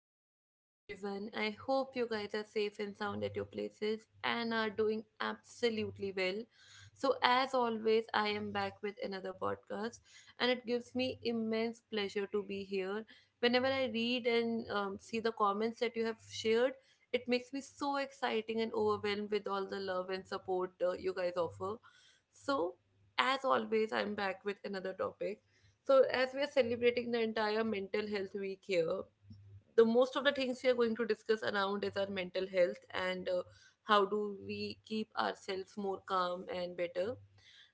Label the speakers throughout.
Speaker 1: good morning to everyone. I hope you guys are safe and sound at your places and are doing absolutely well. So, as always, I am back with another podcast, and it gives me immense pleasure to be here. Whenever I read and see the comments that you have shared, it makes me so exciting and overwhelmed with all the love and support you guys offer. So, as always, I'm back with another topic, so, as we are celebrating the entire mental health week here, the most of the things we are going to discuss around is our mental health and how do we keep ourselves more calm and better.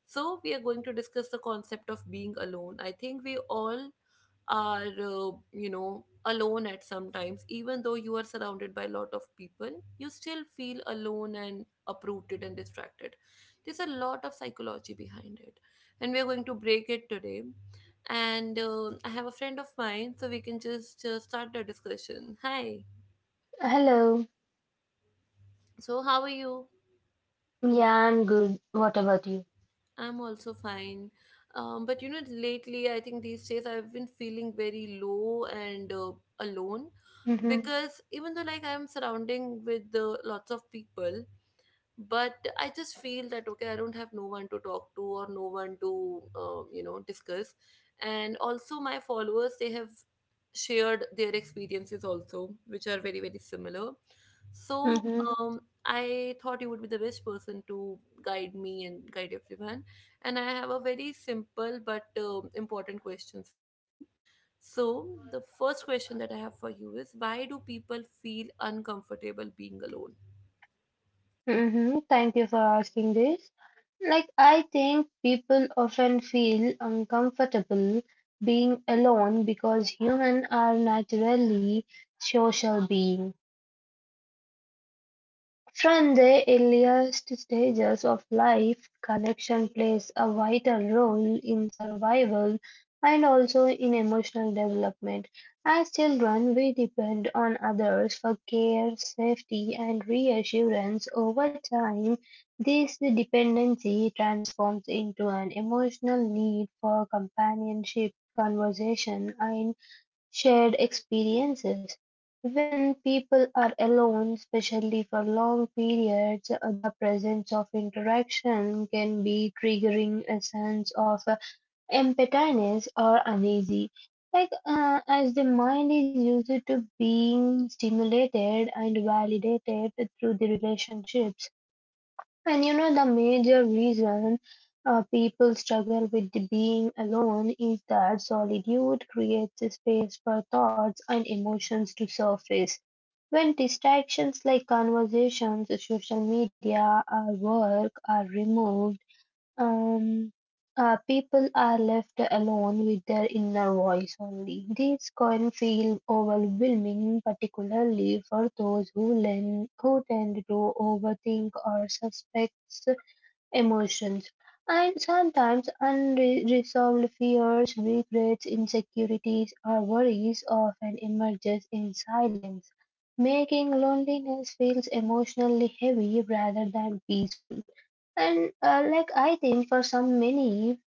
Speaker 1: So, we are going to discuss the concept of being alone. I think we all are, alone at some times, even though you are surrounded by a lot of people, you still feel alone and uprooted and distracted. There's a lot of psychology behind it, and we are going to break it today and I have a friend of mine, so we can just start the discussion. Hi.
Speaker 2: Hello.
Speaker 1: So, how are you?
Speaker 2: Yeah, I'm good. What about you?
Speaker 1: I'm also fine. But lately, I think these days I've been feeling very low and alone
Speaker 2: Mm-hmm.
Speaker 1: because even though like I'm surrounding with lots of people, but I just feel that okay, I don't have no one to talk to or no one to discuss, and also my followers, they have shared their experiences also, which are very, very similar. So
Speaker 2: Mm-hmm.
Speaker 1: I thought you would be the best person to guide me and guide everyone, and I have a very simple but important questions for you. So the first question that I have for you is, why do people feel uncomfortable being alone?
Speaker 2: Mm-hmm. Thank you for asking this. Like, I think people often feel uncomfortable being alone because humans are naturally social beings. From the earliest stages of life, connection plays a vital role in survival and also in emotional development. As children, we depend on others for care, safety, and reassurance. Over time, this dependency transforms into an emotional need for companionship, conversation, and shared experiences. When people are alone, especially for long periods, the presence of interaction can be triggering a sense of emptiness or uneasy. Like as the mind is used to being stimulated and validated through the relationships. And the major reason people struggle with the being alone is that solitude creates a space for thoughts and emotions to surface. When distractions like conversations, social media, or work are removed, um, people are left alone with their inner voice only. This can feel overwhelming, particularly for those who tend to overthink or suspect emotions, and sometimes unresolved fears, regrets, insecurities, or worries often emerges in silence, making loneliness feels emotionally heavy rather than peaceful. And like I think for some many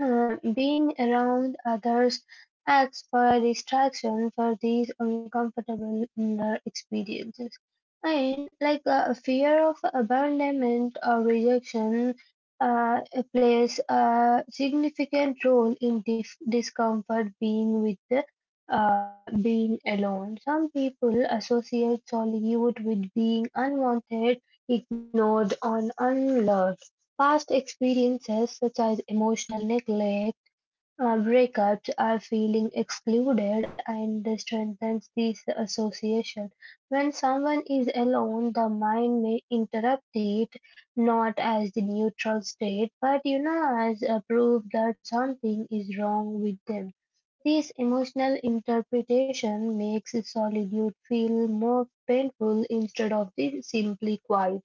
Speaker 2: being around others acts for a distraction for these uncomfortable inner experiences. And like fear of abandonment or rejection uh, plays a significant role in discomfort being with being alone. Some people associate solitude with being unwanted, ignored, or unloved. Past experiences such as emotional neglect, breakups, or feeling excluded and strengthens this association. When someone is alone, the mind may interrupt it not as the neutral state, but as a proof that something is wrong with them. This emotional interpretation makes solitude feel more painful instead of the simply quiet.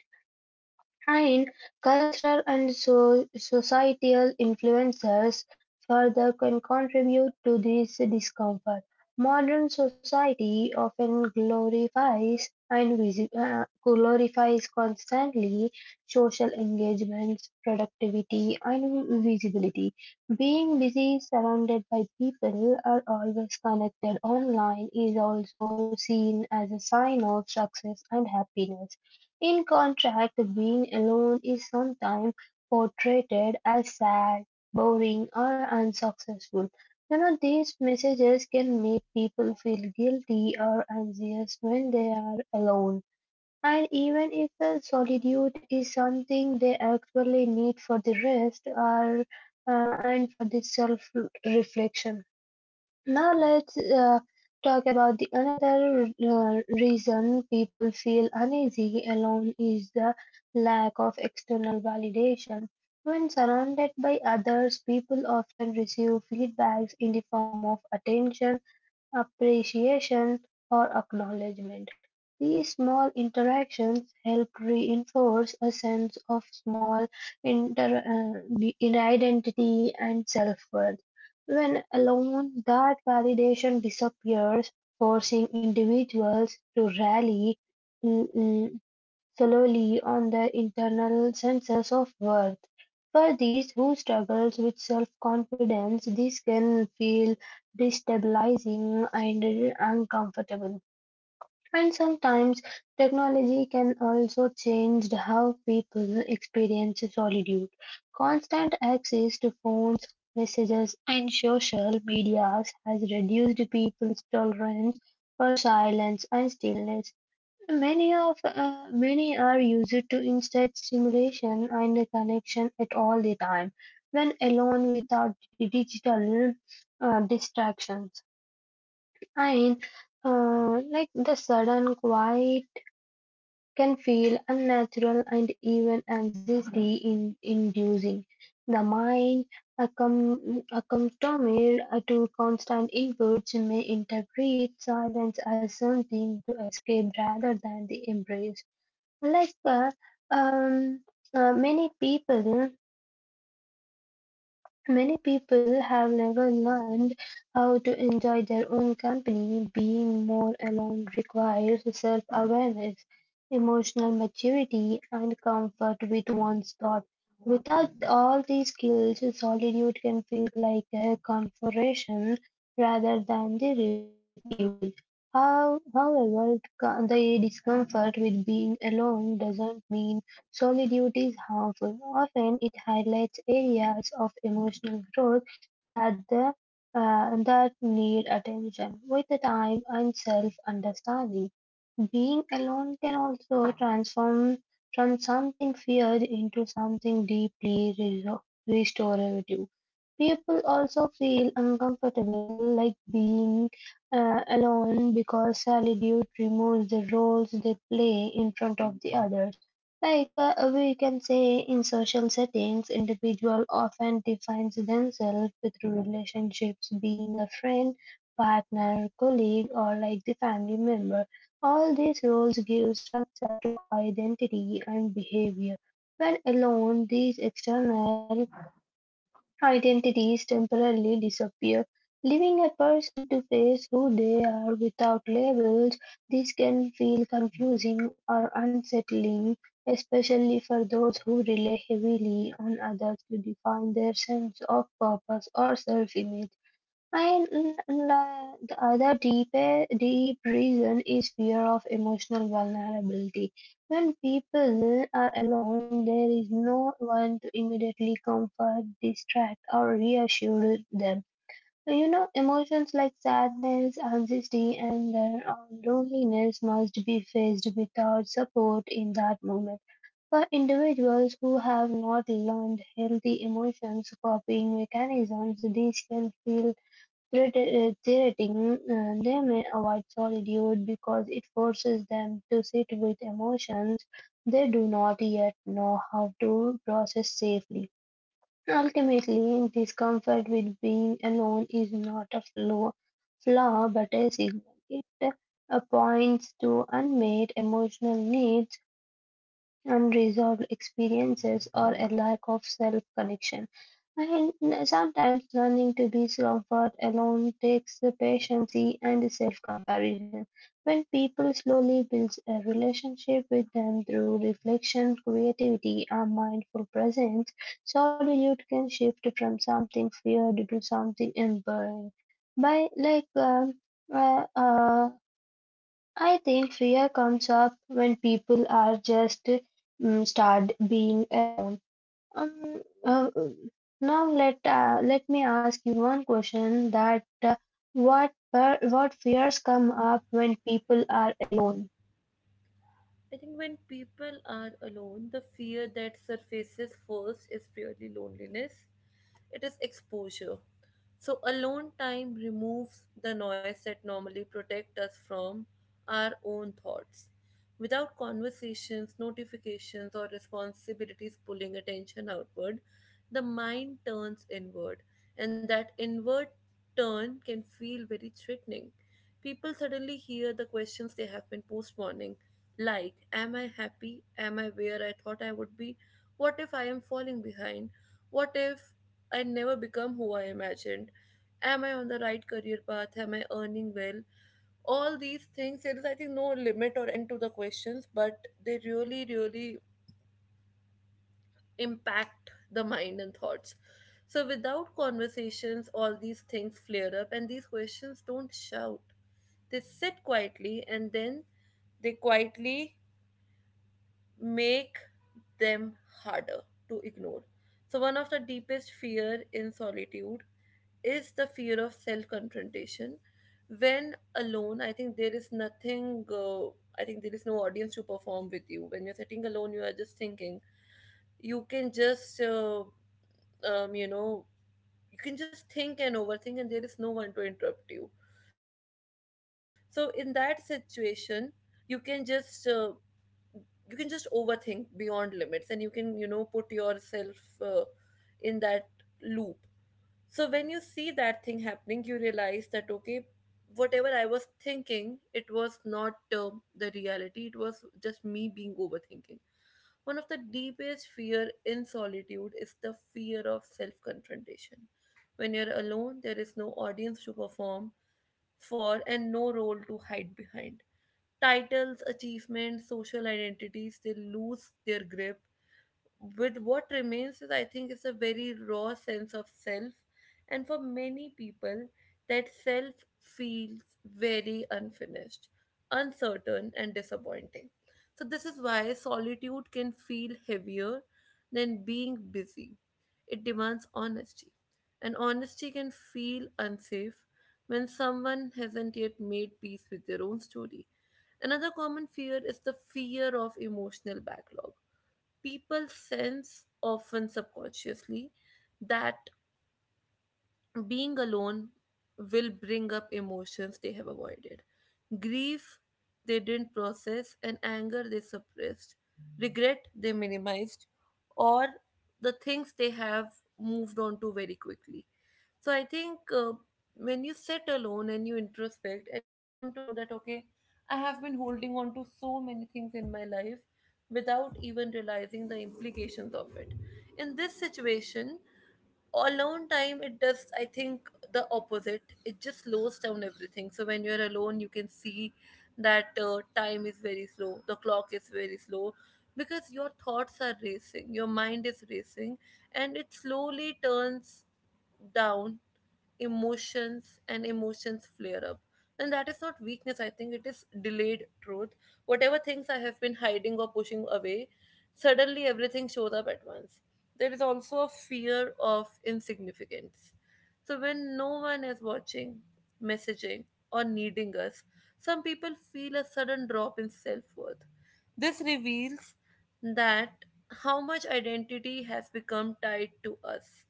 Speaker 2: And cultural and societal influences further can contribute to this discomfort. Modern society often glorifies constantly social engagements, productivity, and visibility. Being busy, surrounded by people, are always connected online is also seen as a sign of success and happiness. In contrast, being alone is sometimes portrayed as sad, boring, or unsuccessful. These messages can make people feel guilty or anxious when they are alone. And even if the solitude is something they actually need for the rest or and for the self reflection. Now let's talk about the another reason people feel uneasy alone is the lack of external validation. When surrounded by others, people often receive feedbacks in the form of attention appreciation, or acknowledgement. These small interactions help reinforce a sense of small in identity and self-worth. When alone, that validation disappears, forcing individuals to rally solely on their internal senses of worth. For these who struggles with self-confidence, this can feel destabilizing and uncomfortable. And sometimes technology can also change how people experience solitude. Constant access to phones, messages, and social medias has reduced people's tolerance for silence and stillness. Many are used to instead simulation and connection at all the time, when alone without the digital distractions. And like the sudden quiet can feel unnatural and even anxiety inducing. The mind accustomed to constant inputs may interpret silence as something to escape rather than the embrace. Like um, uh, many people, many people have never learned how to enjoy their own company. Being more alone requires self-awareness, emotional maturity, and comfort with one's thought. Without all these skills, solitude can feel like a confrontation rather than the refuge. However, the discomfort with being alone doesn't mean solitude is harmful; often it highlights areas of emotional growth that the that need attention. With the time and self-understanding, being alone can also transform from something feared into something deeply restorative. People also feel uncomfortable like being alone because solitude removes the roles they play in front of the others. Like we can say in social settings, individual often defines themselves through relationships, being a friend, partner, colleague, or like the family member. All these roles give structure to identity and behavior. When alone, these external identities temporarily disappear, leaving a person to face who they are without labels. This can feel confusing or unsettling, especially for those who rely heavily on others to define their sense of purpose or self image. And the other deep, deep reason is fear of emotional vulnerability. When people are alone, there is no one to immediately comfort, distract, or reassure them. Emotions like sadness, anxiety, anger, or loneliness must be faced without support in that moment. For individuals who have not learned healthy emotions coping mechanisms, these can feel reiterating them avoid solitude because it forces them to sit with emotions they do not yet know how to process safely. Ultimately, discomfort with being alone is not a flaw, but a signal. It points to unmet emotional needs unresolved experiences, or a lack of self connection. And sometimes learning to be comfort alone takes the patience and self comparison. When people slowly build a relationship with them through reflection, creativity, and mindful presence, solitude can shift from something feared to something enduring. By like uh, uh, I think fear comes up when people are just start being alone. Um, uh, now let me ask you one question that what fears come up when people are alone?
Speaker 1: I think when people are alone, the fear that surfaces first is really loneliness. It is exposure. So alone time removes the noise that normally protect us from our own thoughts. Without conversations, notifications, or responsibilities pulling attention outward, the mind turns inward, and that inward turn can feel very threatening. People suddenly hear the questions they have been postponing, like, am I happy? Am I where I thought I would be? What if I am falling behind? What if I never become who I imagined? Am I on the right career path? Am I earning well? All these things, there is, I think, no limit or end to the questions, but they really, really impact the mind and thoughts. So without conversations, all these things flare up, and these questions don't shout, they sit quietly, and then they quietly make them harder to ignore. So one of the deepest fear in solitude is the fear of self confrontation. When alone, I think there is nothing. I think there is no audience to perform with you. When you're sitting alone, you are just thinking. You can just um, you know you can just think and overthink, and there is no one to interrupt you. So in that situation, you can just uh, you can just overthink beyond limits, and you can, you know, put yourself in that loop. So when you see that thing happening, you realize that okay, whatever I was thinking, it was not the reality. It was just me being overthinking. One of the deepest fear in solitude is the fear of self confrontation. When you're alone, there is no audience to perform for and no role to hide behind. Titles, achievements, social identities, they lose their grip with. What remains is, I think, is a very raw sense of self, and for many people that self feels very unfinished, uncertain and disappointing. So this is why solitude can feel heavier than being busy. It demands honesty, and honesty can feel unsafe when someone hasn't yet made peace with their own story. Another common fear is the fear of emotional backlog. People sense, often subconsciously, that being alone will bring up emotions they have avoided: grief they didn't process, and anger they suppressed, regret they minimized, or the things they have moved on to very quickly. So I think when you sit alone and you introspect, and you come to know that okay, I have been holding on to so many things in my life without even realizing the implications of it. In this situation, alone time, it does, I think, the opposite. It just slows down everything. So when you're alone, you can see that time is very slow, the clock is very slow, because your thoughts are racing, your mind is racing, and it slowly turns down emotions, and emotions flare up. And that is not weakness, I think, it is delayed truth. Whatever things I have been hiding or pushing away, suddenly everything shows up at once. There is also a fear of insignificance. So when no one is watching, messaging, or needing us, some people feel a sudden drop in self-worth. This reveals that how much identity has become tied to us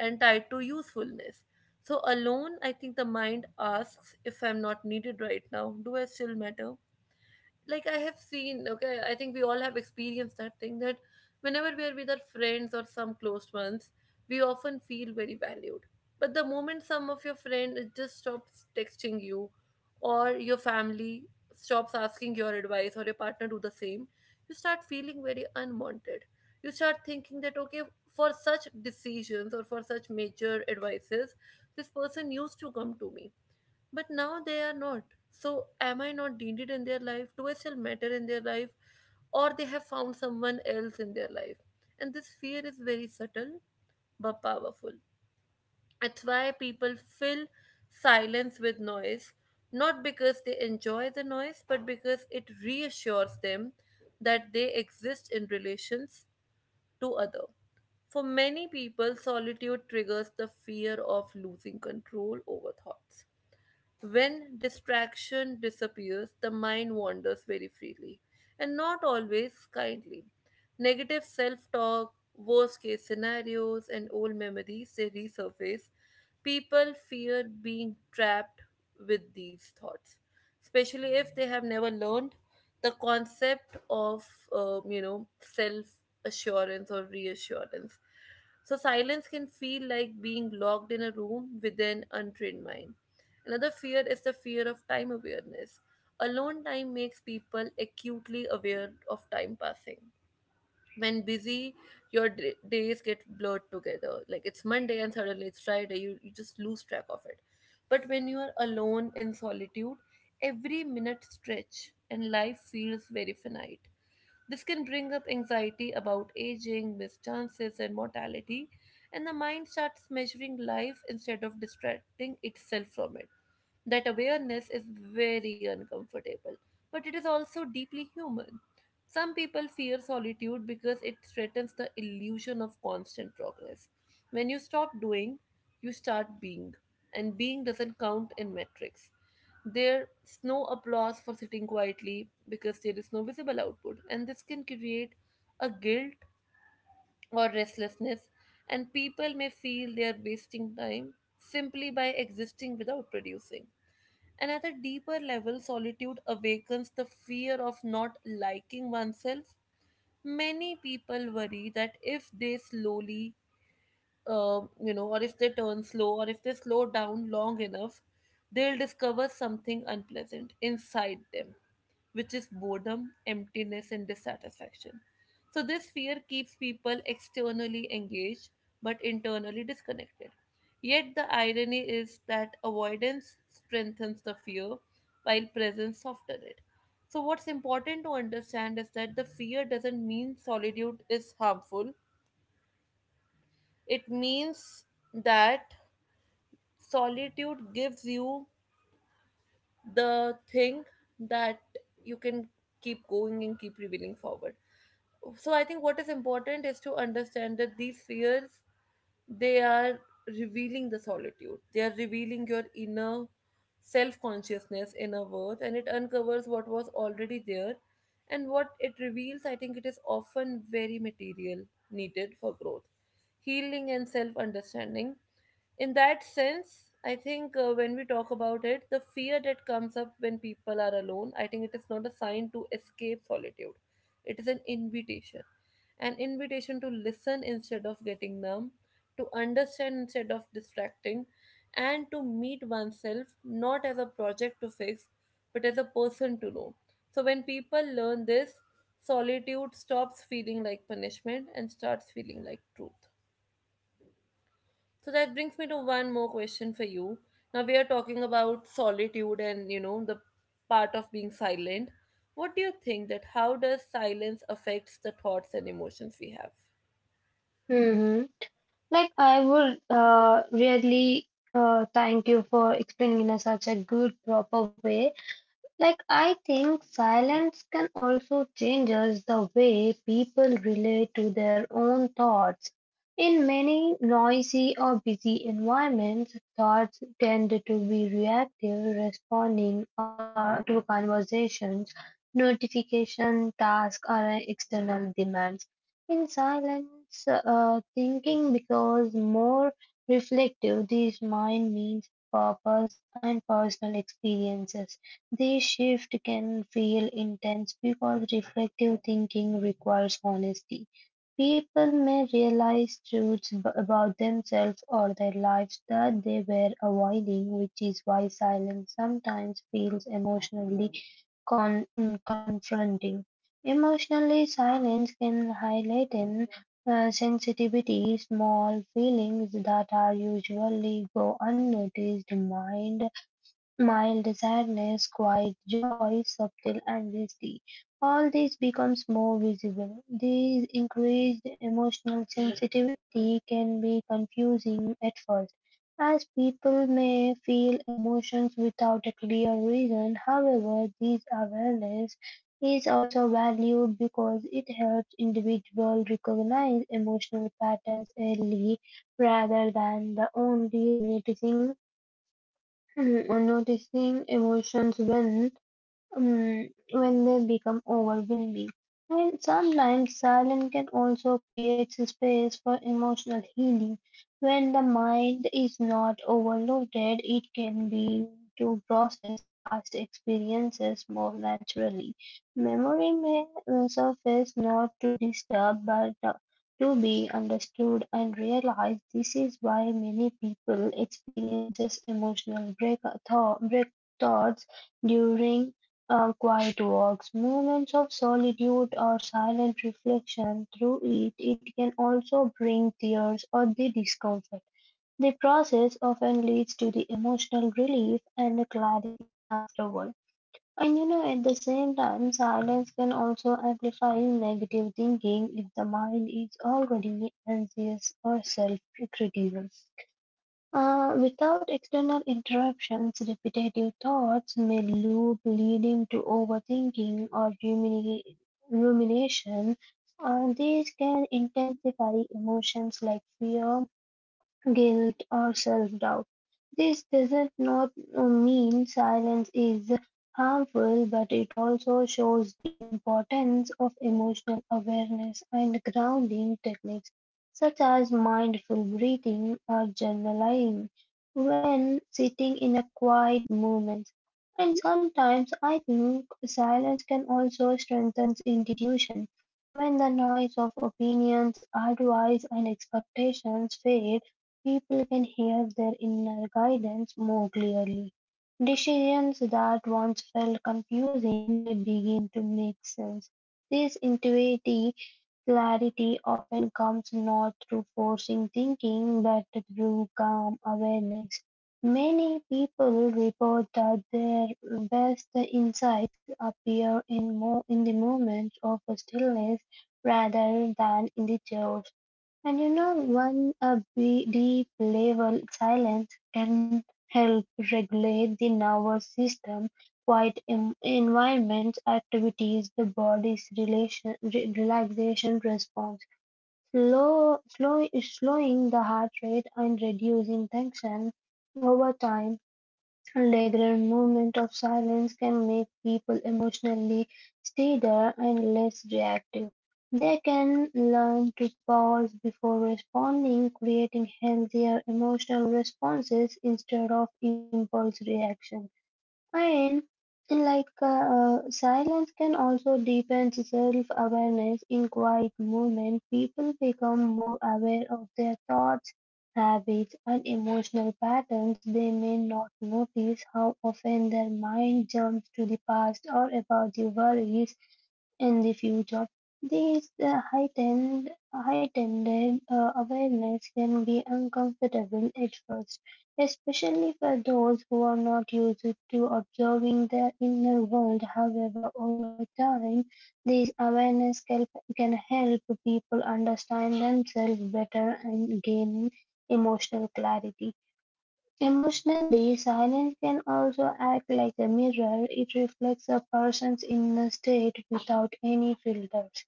Speaker 1: and tied to usefulness. So alone, I think the mind asks, if I'm not needed right now, do I still matter? Like I have seen, okay, I think we all have experienced that thing, that whenever we are with our friends or some close ones, we often feel very valued. But the moment some of your friend just stops texting you, or your family stops asking your advice, or your partner do the same, you start feeling very unwanted. You start thinking that okay, for such decisions or for such major advices, this person used to come to me but now they are not. So am I not needed in their life? Do I still matter in their life, or they have found someone else in their life? And this fear is very subtle but powerful. That's why people fill silence with noise, not because they enjoy the noise, but because it reassures them that they exist in relations to other. For many people, solitude triggers the fear of losing control over thoughts. When distraction disappears, the mind wanders very freely, and not always kindly. Negative self talk, worst case scenarios, and old memories, they resurface. People fear being trapped with these thoughts, especially if they have never learned the concept of, self assurance or reassurance. So silence can feel like being locked in a room with an untrained mind. Another fear is the fear of time awareness. Alone time makes people acutely aware of time passing. When busy, your days get blurred together. Like it's Monday and suddenly it's Friday, you just lose track of it. But when you are alone in solitude, every minute stretch and life feels very finite. This can bring up anxiety about aging, missed chances, and mortality, and the mind starts measuring life instead of distracting itself from it. That awareness is very uncomfortable, but it is also deeply human. Some people fear solitude because it threatens the illusion of constant progress. When you stop doing, you start being, and being doesn't count in metrics. There's no applause for sitting quietly because there is no visible output, and this can create a guilt or restlessness, and people may feel they are wasting time simply by existing without producing. And at a deeper level, solitude awakens the fear of not liking oneself. Many people worry that if they slowly you know or if they turn slow, or if they slow down long enough, they'll discover something unpleasant inside them, which is boredom, emptiness, and dissatisfaction. So, this fear keeps people externally engaged but internally disconnected. Yet, the irony is that avoidance strengthens the fear while presence softens it. So, what's important to understand is that the fear doesn't mean solitude is harmful, it means that solitude gives you the thing that you can keep going and keep revealing forward. So I think what is important is to understand that these fears, they are revealing the solitude, they are revealing your inner self-consciousness, inner worth, and it uncovers what was already there. And what it reveals, I think, it is often very material needed for growth, healing, and self-understanding. In that sense, I think, when we talk about it, the fear that comes up when people are alone, I think it is not a sign to escape solitude, it is an invitation. An invitation to listen instead of getting numb, to understand instead of distracting, and to meet oneself not as a project to fix but as a person to know. So when people learn this, solitude stops feeling like punishment and starts feeling like truth. So that brings me to one more question for you. Now we are talking about solitude and you know the part of being silent. What do you think that, how does silence affects the thoughts and emotions we have?
Speaker 2: Hmm. Like I would really thank you for explaining in a such a good proper way. Like, I think silence can also change us the way people relate to their own thoughts. In many noisy or busy environments, thoughts tend to be reactive, responding to conversations, notification, tasks, or external demands. In silence, thinking becomes more reflective. This mind means purpose and personal experiences. This shift can feel intense because reflective thinking requires honesty. People may realize truths about themselves or their lives that they were avoiding, which is why silence sometimes feels emotionally confronting. Emotionally, silence can highlight an sensitivity, small feelings that are usually go unnoticed. Mind Mild sadness, quiet joy, subtle anxiety, all this becomes more visible. This increased emotional sensitivity can be confusing at first, as people may feel emotions without a clear reason. However, this awareness is also valued because it helps individuals recognize emotional patterns early rather than the only noticing Mm, or noticing emotions when they become overwhelming. And sometimes silence can also create space for emotional healing. When the mind is not overloaded, it can be to process past experiences more naturally. Memory may surface not to disturb but to be understood and realized. This is why many people experiences emotional break thoughts during quiet walks, moments of solitude, or silent reflection through it can also bring tears or the discomfort. The process often leads to the emotional relief and the clarity afterward. And at the same time, silence can also amplify negative thinking if the mind is already anxious or self criticism. Without external interruptions, repetitive thoughts may loop, leading to overthinking or rumination. And these can intensify emotions like fear, guilt or self-doubt. This doesn't not mean silence is harmful, but it also shows the importance of emotional awareness and grounding techniques such as mindful breathing or journaling when sitting in a quiet moment. And sometimes I think silence can also strengthen institution when the noise of opinions, advice, and expectations fade. People can hear their inner guidance more clearly. Decisions that once felt confusing may begin to make sense. This intuitive clarity often comes not through forcing thinking but through calm awareness. Many people report that their best insights appear in the moments of stillness rather than in the chaos. And one a deep level silence can help regulate the nervous system. Quiet environments activities the body's relaxation response. Slowing the heart rate and reducing tension. Over time, a regular moment of silence can make people emotionally steadier and less reactive. They can learn to pause before responding, creating healthier emotional responses instead of impulse reactions. And like silence can also deepen self-awareness. In quiet movement, people become more aware of their thoughts, habits, and emotional patterns. They may not notice how often their mind jumps to the past or about the worries in the future. This heightened awareness can be uncomfortable at first. Especially for those who are not used to observing their inner world, however, over time, this awareness can help people understand themselves better and gain emotional clarity. Emotionally, silence can also act like a mirror. It reflects a person's inner state without any filters.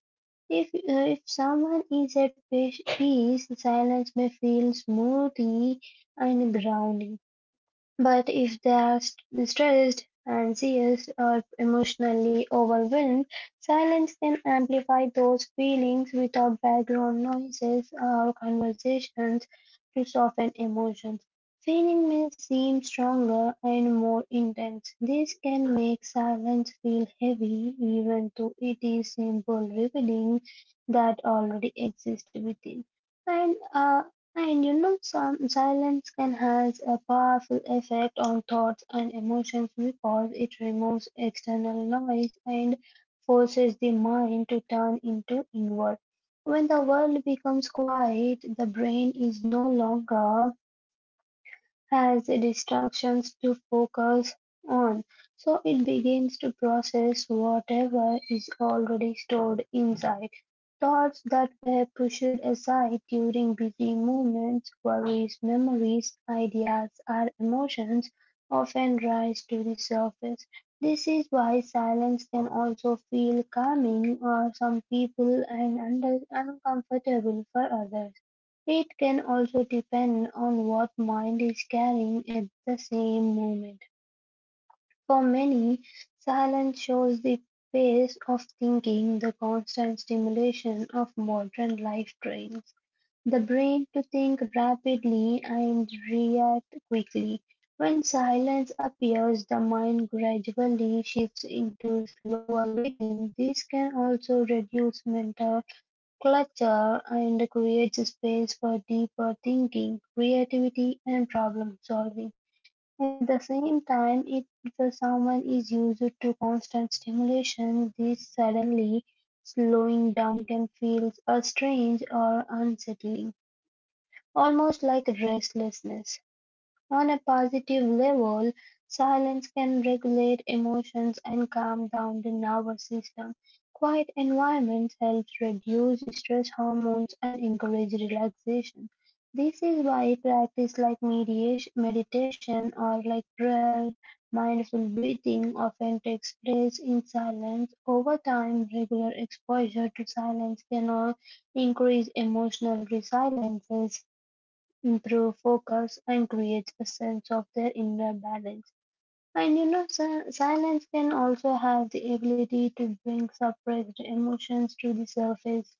Speaker 2: If someone is at peace, silence may feel smoothing and grounding. But if they are stressed, anxious, or emotionally overwhelmed, silence can amplify those feelings without background noises or conversations to soften emotions. Feeling may seem stronger and more intense. This can make silence feel heavy, even though it is simple revealing that already exists within. And uh, some silence can has a powerful effect on thoughts and emotions because it removes external noise and forces the mind to turn into inward. When the world becomes quiet, the brain is no longer has distractions to focus on, so it begins to process whatever is already stored inside. Thoughts that were pushed aside during busy moments, worries, memories, ideas, or emotions often rise to the surface. This is why silence can also feel calming for some people and uncomfortable for others. It can also depend on what mind is carrying at the same moment. For many, silence shows the pace of thinking the constant stimulation of modern life trains the brain to think rapidly and react quickly. When silence appears, the mind gradually shifts into slower rhythm. This can also reduce mental clutter and creates space for deeper thinking, creativity, and problem solving. At the same time, if someone is used to constant stimulation, this suddenly slowing down can feel a strange or unsettling, almost like restlessness. On a positive level, silence can regulate emotions and calm down the nervous system. Quiet environments help reduce stress hormones and encourage relaxation. This is why practice like mediation, meditation or like prayer, mindful breathing often takes place in silence. Over time, regular exposure to silence can all increase emotional resilience improve focus and creates a sense of their inner balance. And you know, si- Silence can also have the ability to bring suppressed emotions to the surface,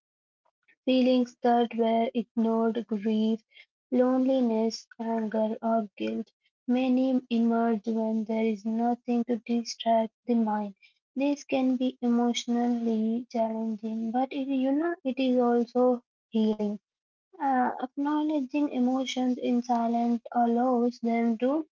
Speaker 2: feelings that were ignored, grief, loneliness, anger, or guilt. Many emerge when there is nothing to distract the mind. This can be emotionally challenging, but it is also healing. Acknowledging emotions in silence allows them to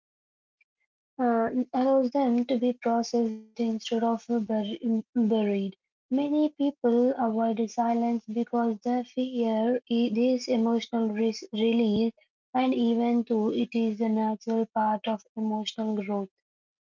Speaker 2: uh, allows them to be processed instead of buried. Many people avoid silence because they fear this emotional release, and even though it is a natural part of emotional growth.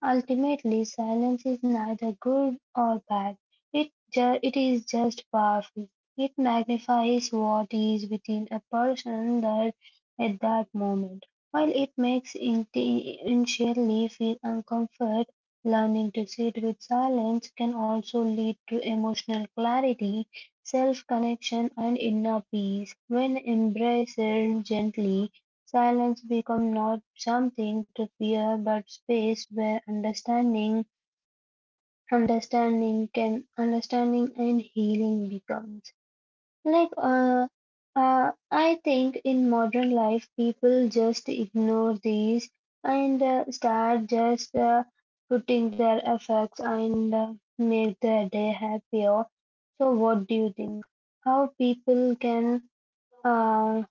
Speaker 2: Ultimately, silence is neither good or bad, it is just powerful. It magnifies what is within a person that, at that moment. While it makes initially feel uncomfort, learning to sit with silence can also lead to emotional clarity, self connection, and inner peace. When embraced gently, silence become not something to fear, but space where understanding and healing becomes. Like, uh, I think in modern life, people just ignore these and start just putting their effects and make their day happier. So, what do you think? How people can? uh,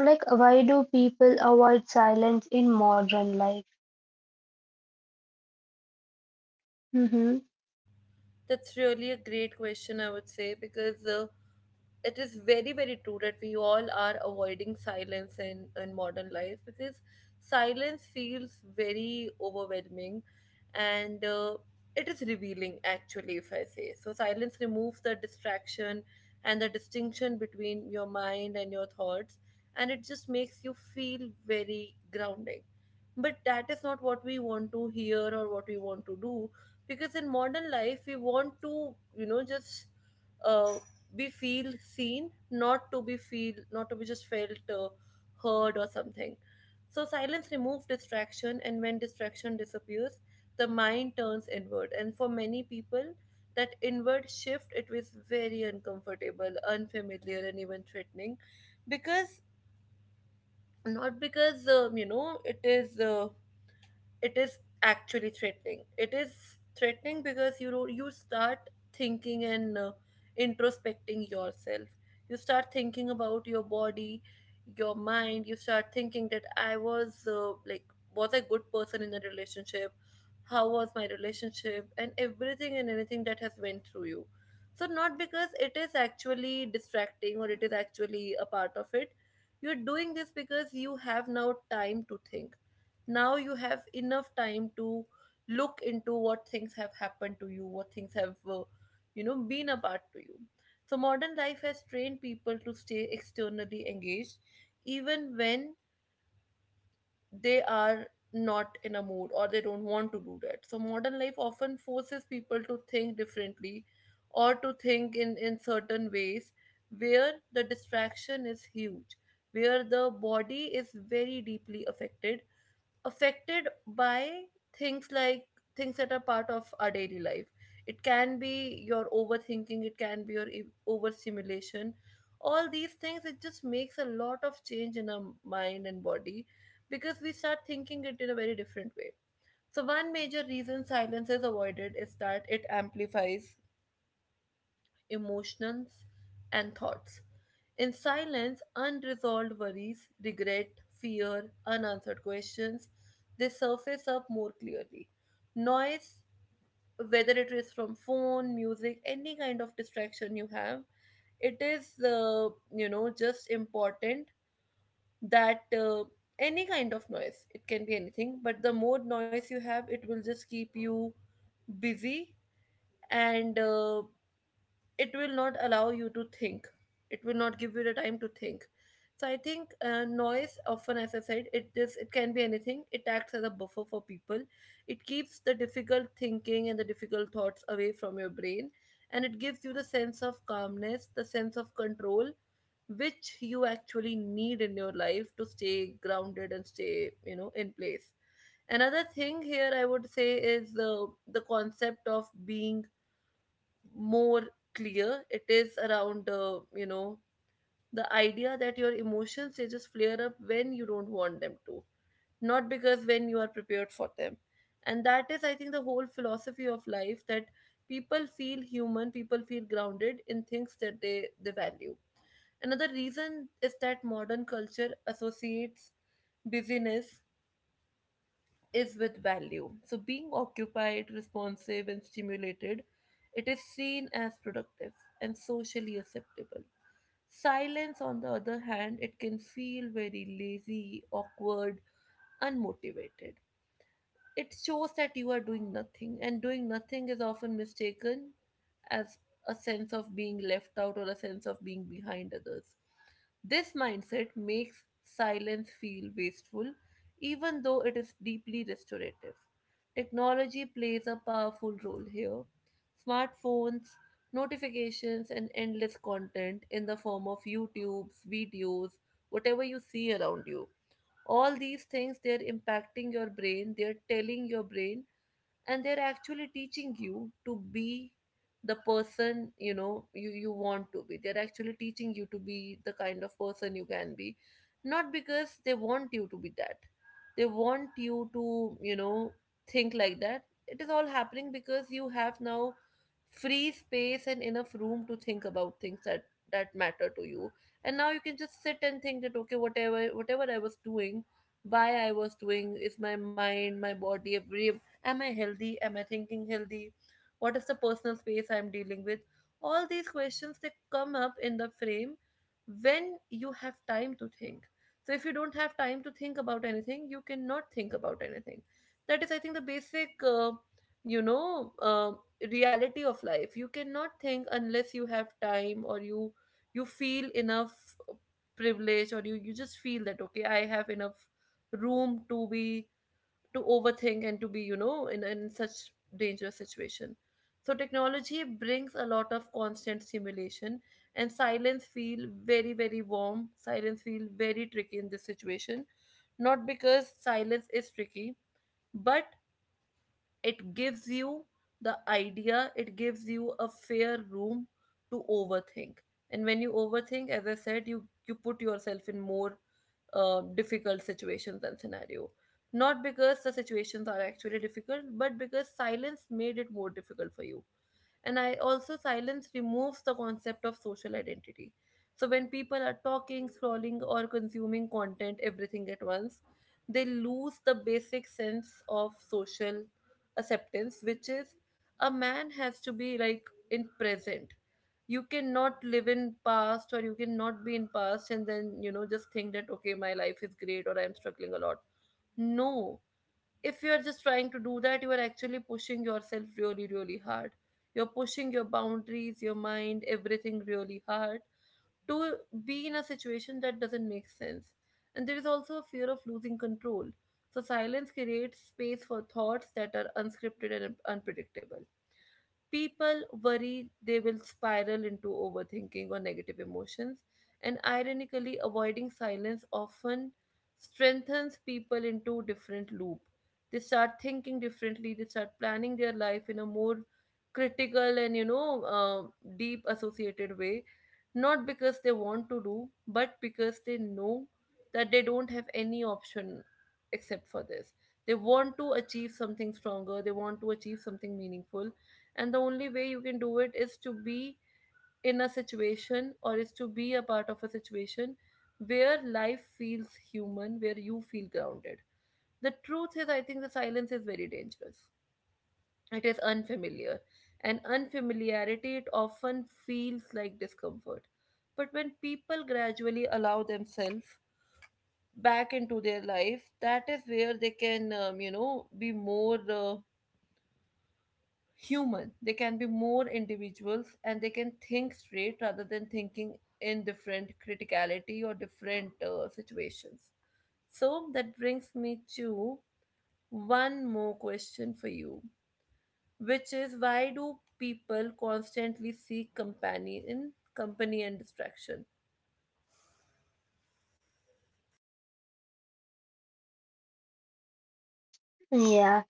Speaker 2: like, why do people avoid silence in modern life? Mm-hmm.
Speaker 1: That's really a great question, I would say, because it is very, very true that we all are avoiding silence in modern life because silence feels very overwhelming and it is revealing, actually, if I say. So, silence removes the distraction and the distinction between your mind and your thoughts, and it just makes you feel very grounding, but that is not what we want to hear or what we want to do because in modern life we want to just uh, be feel seen, not to be feel, not to be just felt, heard or something. So silence removes distraction, and when distraction disappears the mind turns inward, and for many people that inward shift it was very uncomfortable, unfamiliar, and even threatening because, not because it is actually threatening, it is threatening because you start thinking and, introspecting yourself. You start thinking about your body, your mind. You start thinking that I was like, was I a good person in the relationship, how was my relationship, and everything and anything that has went through you. So not because it is actually distracting or it is actually a part of it, you're doing this because you have now time to think. Now you have enough time to look into what things have happened to you, what things have been a part to you. So modern life has trained people to stay externally engaged even when they are not in a mood or they don't want to do that. So modern life often forces people to think differently or to think in certain ways where the distraction is huge, where the body is very deeply affected, affected by things like, things that are part of our daily life. It can be your overthinking, it can be your overstimulation. All these things, it just makes a lot of change in our mind and body because we start thinking it in a very different way. So one major reason silence is avoided is that it amplifies emotions and thoughts. In silence, unresolved worries, regret, fear, unanswered questions, they surface up more clearly. Noise, whether it is from phone, music, any kind of distraction you have, it is just important that any kind of noise, it can be anything, but the more noise you have, it will just keep you busy and it will not allow you to think, it will not give you the time to think. So I think noise often, as I said, it is, it can be anything, it acts as a buffer for people. It keeps the difficult thinking and the difficult thoughts away from your brain, and it gives you the sense of calmness, the sense of control, which you actually need in your life to stay grounded and stay in place. Another thing here I would say is the concept of being more clear. It is around, the idea that your emotions, they just flare up when you don't want them to, not because when you are prepared for them. And that is, I think, the whole philosophy of life, that people feel human, people feel grounded in things that they value. Another reason is that modern culture associates busyness is with value. So, being occupied, responsive, and stimulated, it is seen as productive and socially acceptable. Silence, on the other hand, it can feel very lazy, awkward, unmotivated. It shows that you are doing nothing, and doing nothing is often mistaken as a sense of being left out or a sense of being behind others. This mindset makes silence feel wasteful, even though it is deeply restorative. Technology plays a powerful role here. Smartphones, notifications, and endless content in the form of YouTube's videos, whatever you see around you, all these things, they're impacting your brain, they're telling your brain, and they're actually teaching you to be the person, you want to be. They're actually teaching you to be the kind of person you can be, not because they want you to be that. They want you to think like that. It is all happening because you have now free space and enough room to think about things that matter to you. And now you can just sit and think that, okay, whatever I was doing, why I was doing, is my mind, my body every. Am I healthy? Am I thinking healthy? What is the personal space I'm dealing with? All these questions, they come up in the frame when you have time to think. So if you don't have time to think about anything, you cannot think about anything. That is, I think, the basic, you know, uh, reality of life. You cannot think unless you have time or you feel enough privilege, or you just feel that, okay, I have enough room to be, to overthink and to be in such dangerous situation. So technology brings a lot of constant stimulation, and silence feel very, very warm, silence feel very tricky in this situation, not because silence is tricky, but it gives you the idea, it gives you a fair room to overthink. And when you overthink, as I said, you put yourself in more difficult situations and scenario, not because the situations are actually difficult, but because silence made it more difficult for you. And I also, silence removes the concept of social identity. So when people are talking, scrolling, or consuming content, everything at once, they lose the basic sense of social acceptance, which is a man has to be like in present. You cannot live in past, or you cannot be in past and then just think that, okay, my life is great or I'm struggling a lot. No, if you're just trying to do that, you are actually pushing yourself really, really hard. You're pushing your boundaries, your mind, everything really hard to be in a situation that doesn't make sense. And there is also a fear of losing control. So silence creates space for thoughts that are unscripted and unpredictable. People worry they will spiral into overthinking or negative emotions, and ironically, avoiding silence often strengthens people into different loop. They start thinking differently. They start planning their life in a more critical and deep associated way, not because they want to do, but because they know that they don't have any option except for this. They want to achieve something stronger, they want to achieve something meaningful, and the only way you can do it is to be in a situation, or is to be a part of a situation where life feels human, where you feel grounded. The truth is, I think the silence is very dangerous. It is unfamiliar, and unfamiliarity, it often feels like discomfort. But when people gradually allow themselves back into their life, that is where they can be more human. They can be more individuals, and they can think straight rather than thinking in different criticality or different situations. So that brings me to one more question for you, which is, why do people constantly seek company in company and distraction?
Speaker 2: Yeah.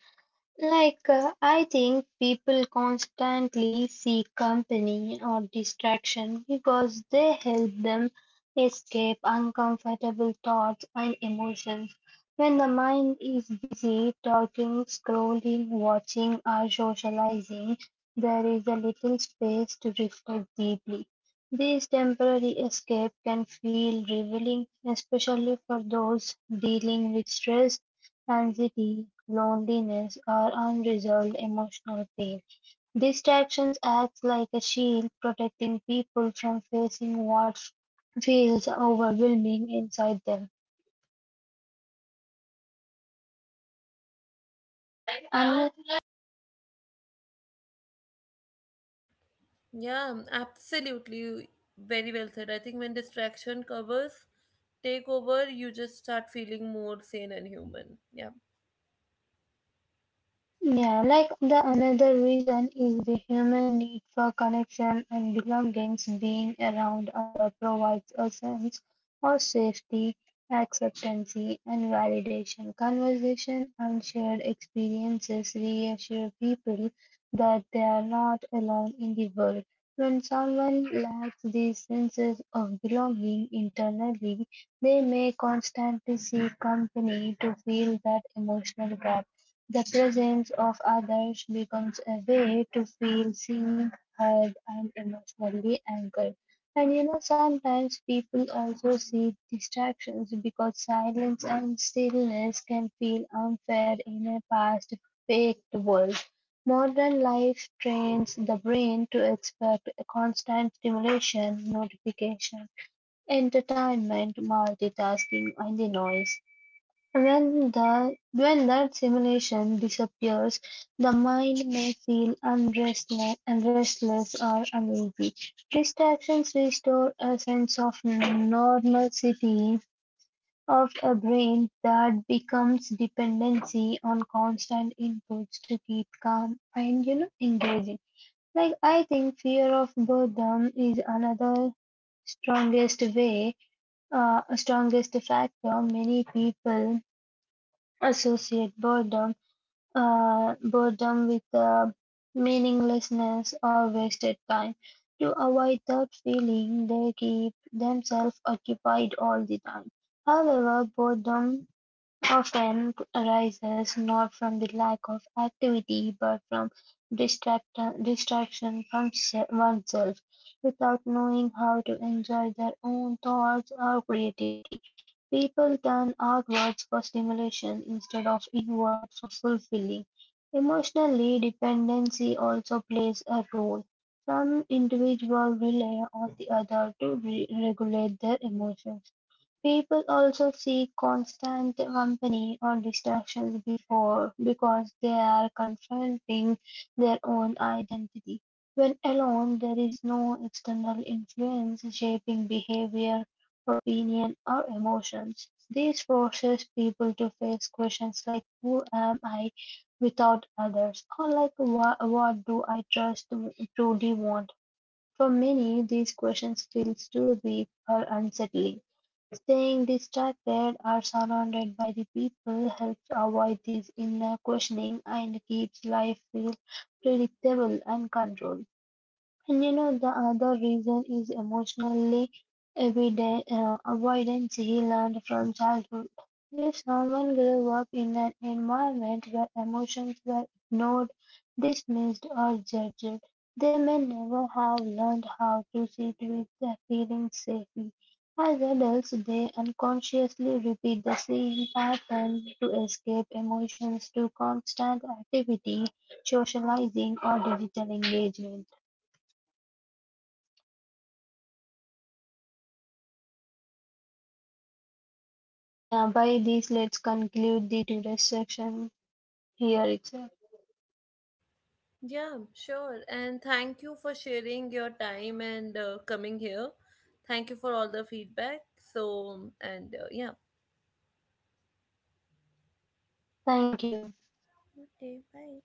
Speaker 2: I think people constantly seek company or distraction because they help them escape uncomfortable thoughts and emotions. When the mind is busy talking, scrolling, watching, or socializing, there is a little space to reflect deeply. This temporary escape can feel revealing, especially for those dealing with stress, anxiety, loneliness, or unresolved emotional pain. Distractions act like a shield protecting people from facing what feels overwhelming inside them.
Speaker 1: Yeah, absolutely. Very well said. I think when distraction covers, take over, you just start feeling more sane and human. Yeah.
Speaker 2: Yeah, like the another reason is the human need for connection and belongings. Being around other provides a sense of safety, acceptance, and validation. Conversation and shared experiences reassure people that they are not alone in the world. When someone lacks these senses of belonging internally, they may constantly seek company to fill that emotional gap. The presence of others becomes a way to feel seen, heard, and emotionally anchored. Sometimes people also seek distractions because silence and stillness can feel unfair in a past faked world. Modern life trains the brain to expect a constant stimulation, notification, entertainment, multitasking, and the noise. When that simulation disappears, the mind may feel restless or uneasy. Distractions restore a sense of normalcy of a brain that becomes dependency on constant inputs to keep calm and engaged. Like, I think fear of boredom is another strongest way, strongest factor many people associate boredom with meaninglessness or wasted time. To avoid that feeling, they keep themselves occupied all the time. However, boredom often arises not from the lack of activity, but from distract distraction from oneself, without knowing how to enjoy their own thoughts or creativity. People turn outwards for stimulation instead of inward for fulfilling. Emotionally, dependency also plays a role. Some individuals rely on the other to regulate their emotions. People also seek constant company or distractions before because they are confronting their own identity. When alone, there is no external influence shaping behavior, opinion, or emotions. This forces people to face questions like who am I without others, or like what do I trust to truly want. For many, these questions feel too big or unsettling. Staying distracted or surrounded by the people helps avoid this inner questioning and keeps life feel predictable and controlled. The other reason is emotionally avoidance he learned from childhood. If someone grew up in an environment where emotions were ignored, dismissed, or judged, they may never have learned how to sit with their feelings safely. As adults, they unconsciously repeat the same pattern to escape emotions through constant activity, socializing, or digital engagement. Yeah, by this, let's conclude the today's section here itself.
Speaker 1: Yeah, sure. And thank you for sharing your time and coming here. Thank you for all the feedback. So, and yeah.
Speaker 2: Thank you.
Speaker 1: Okay, bye.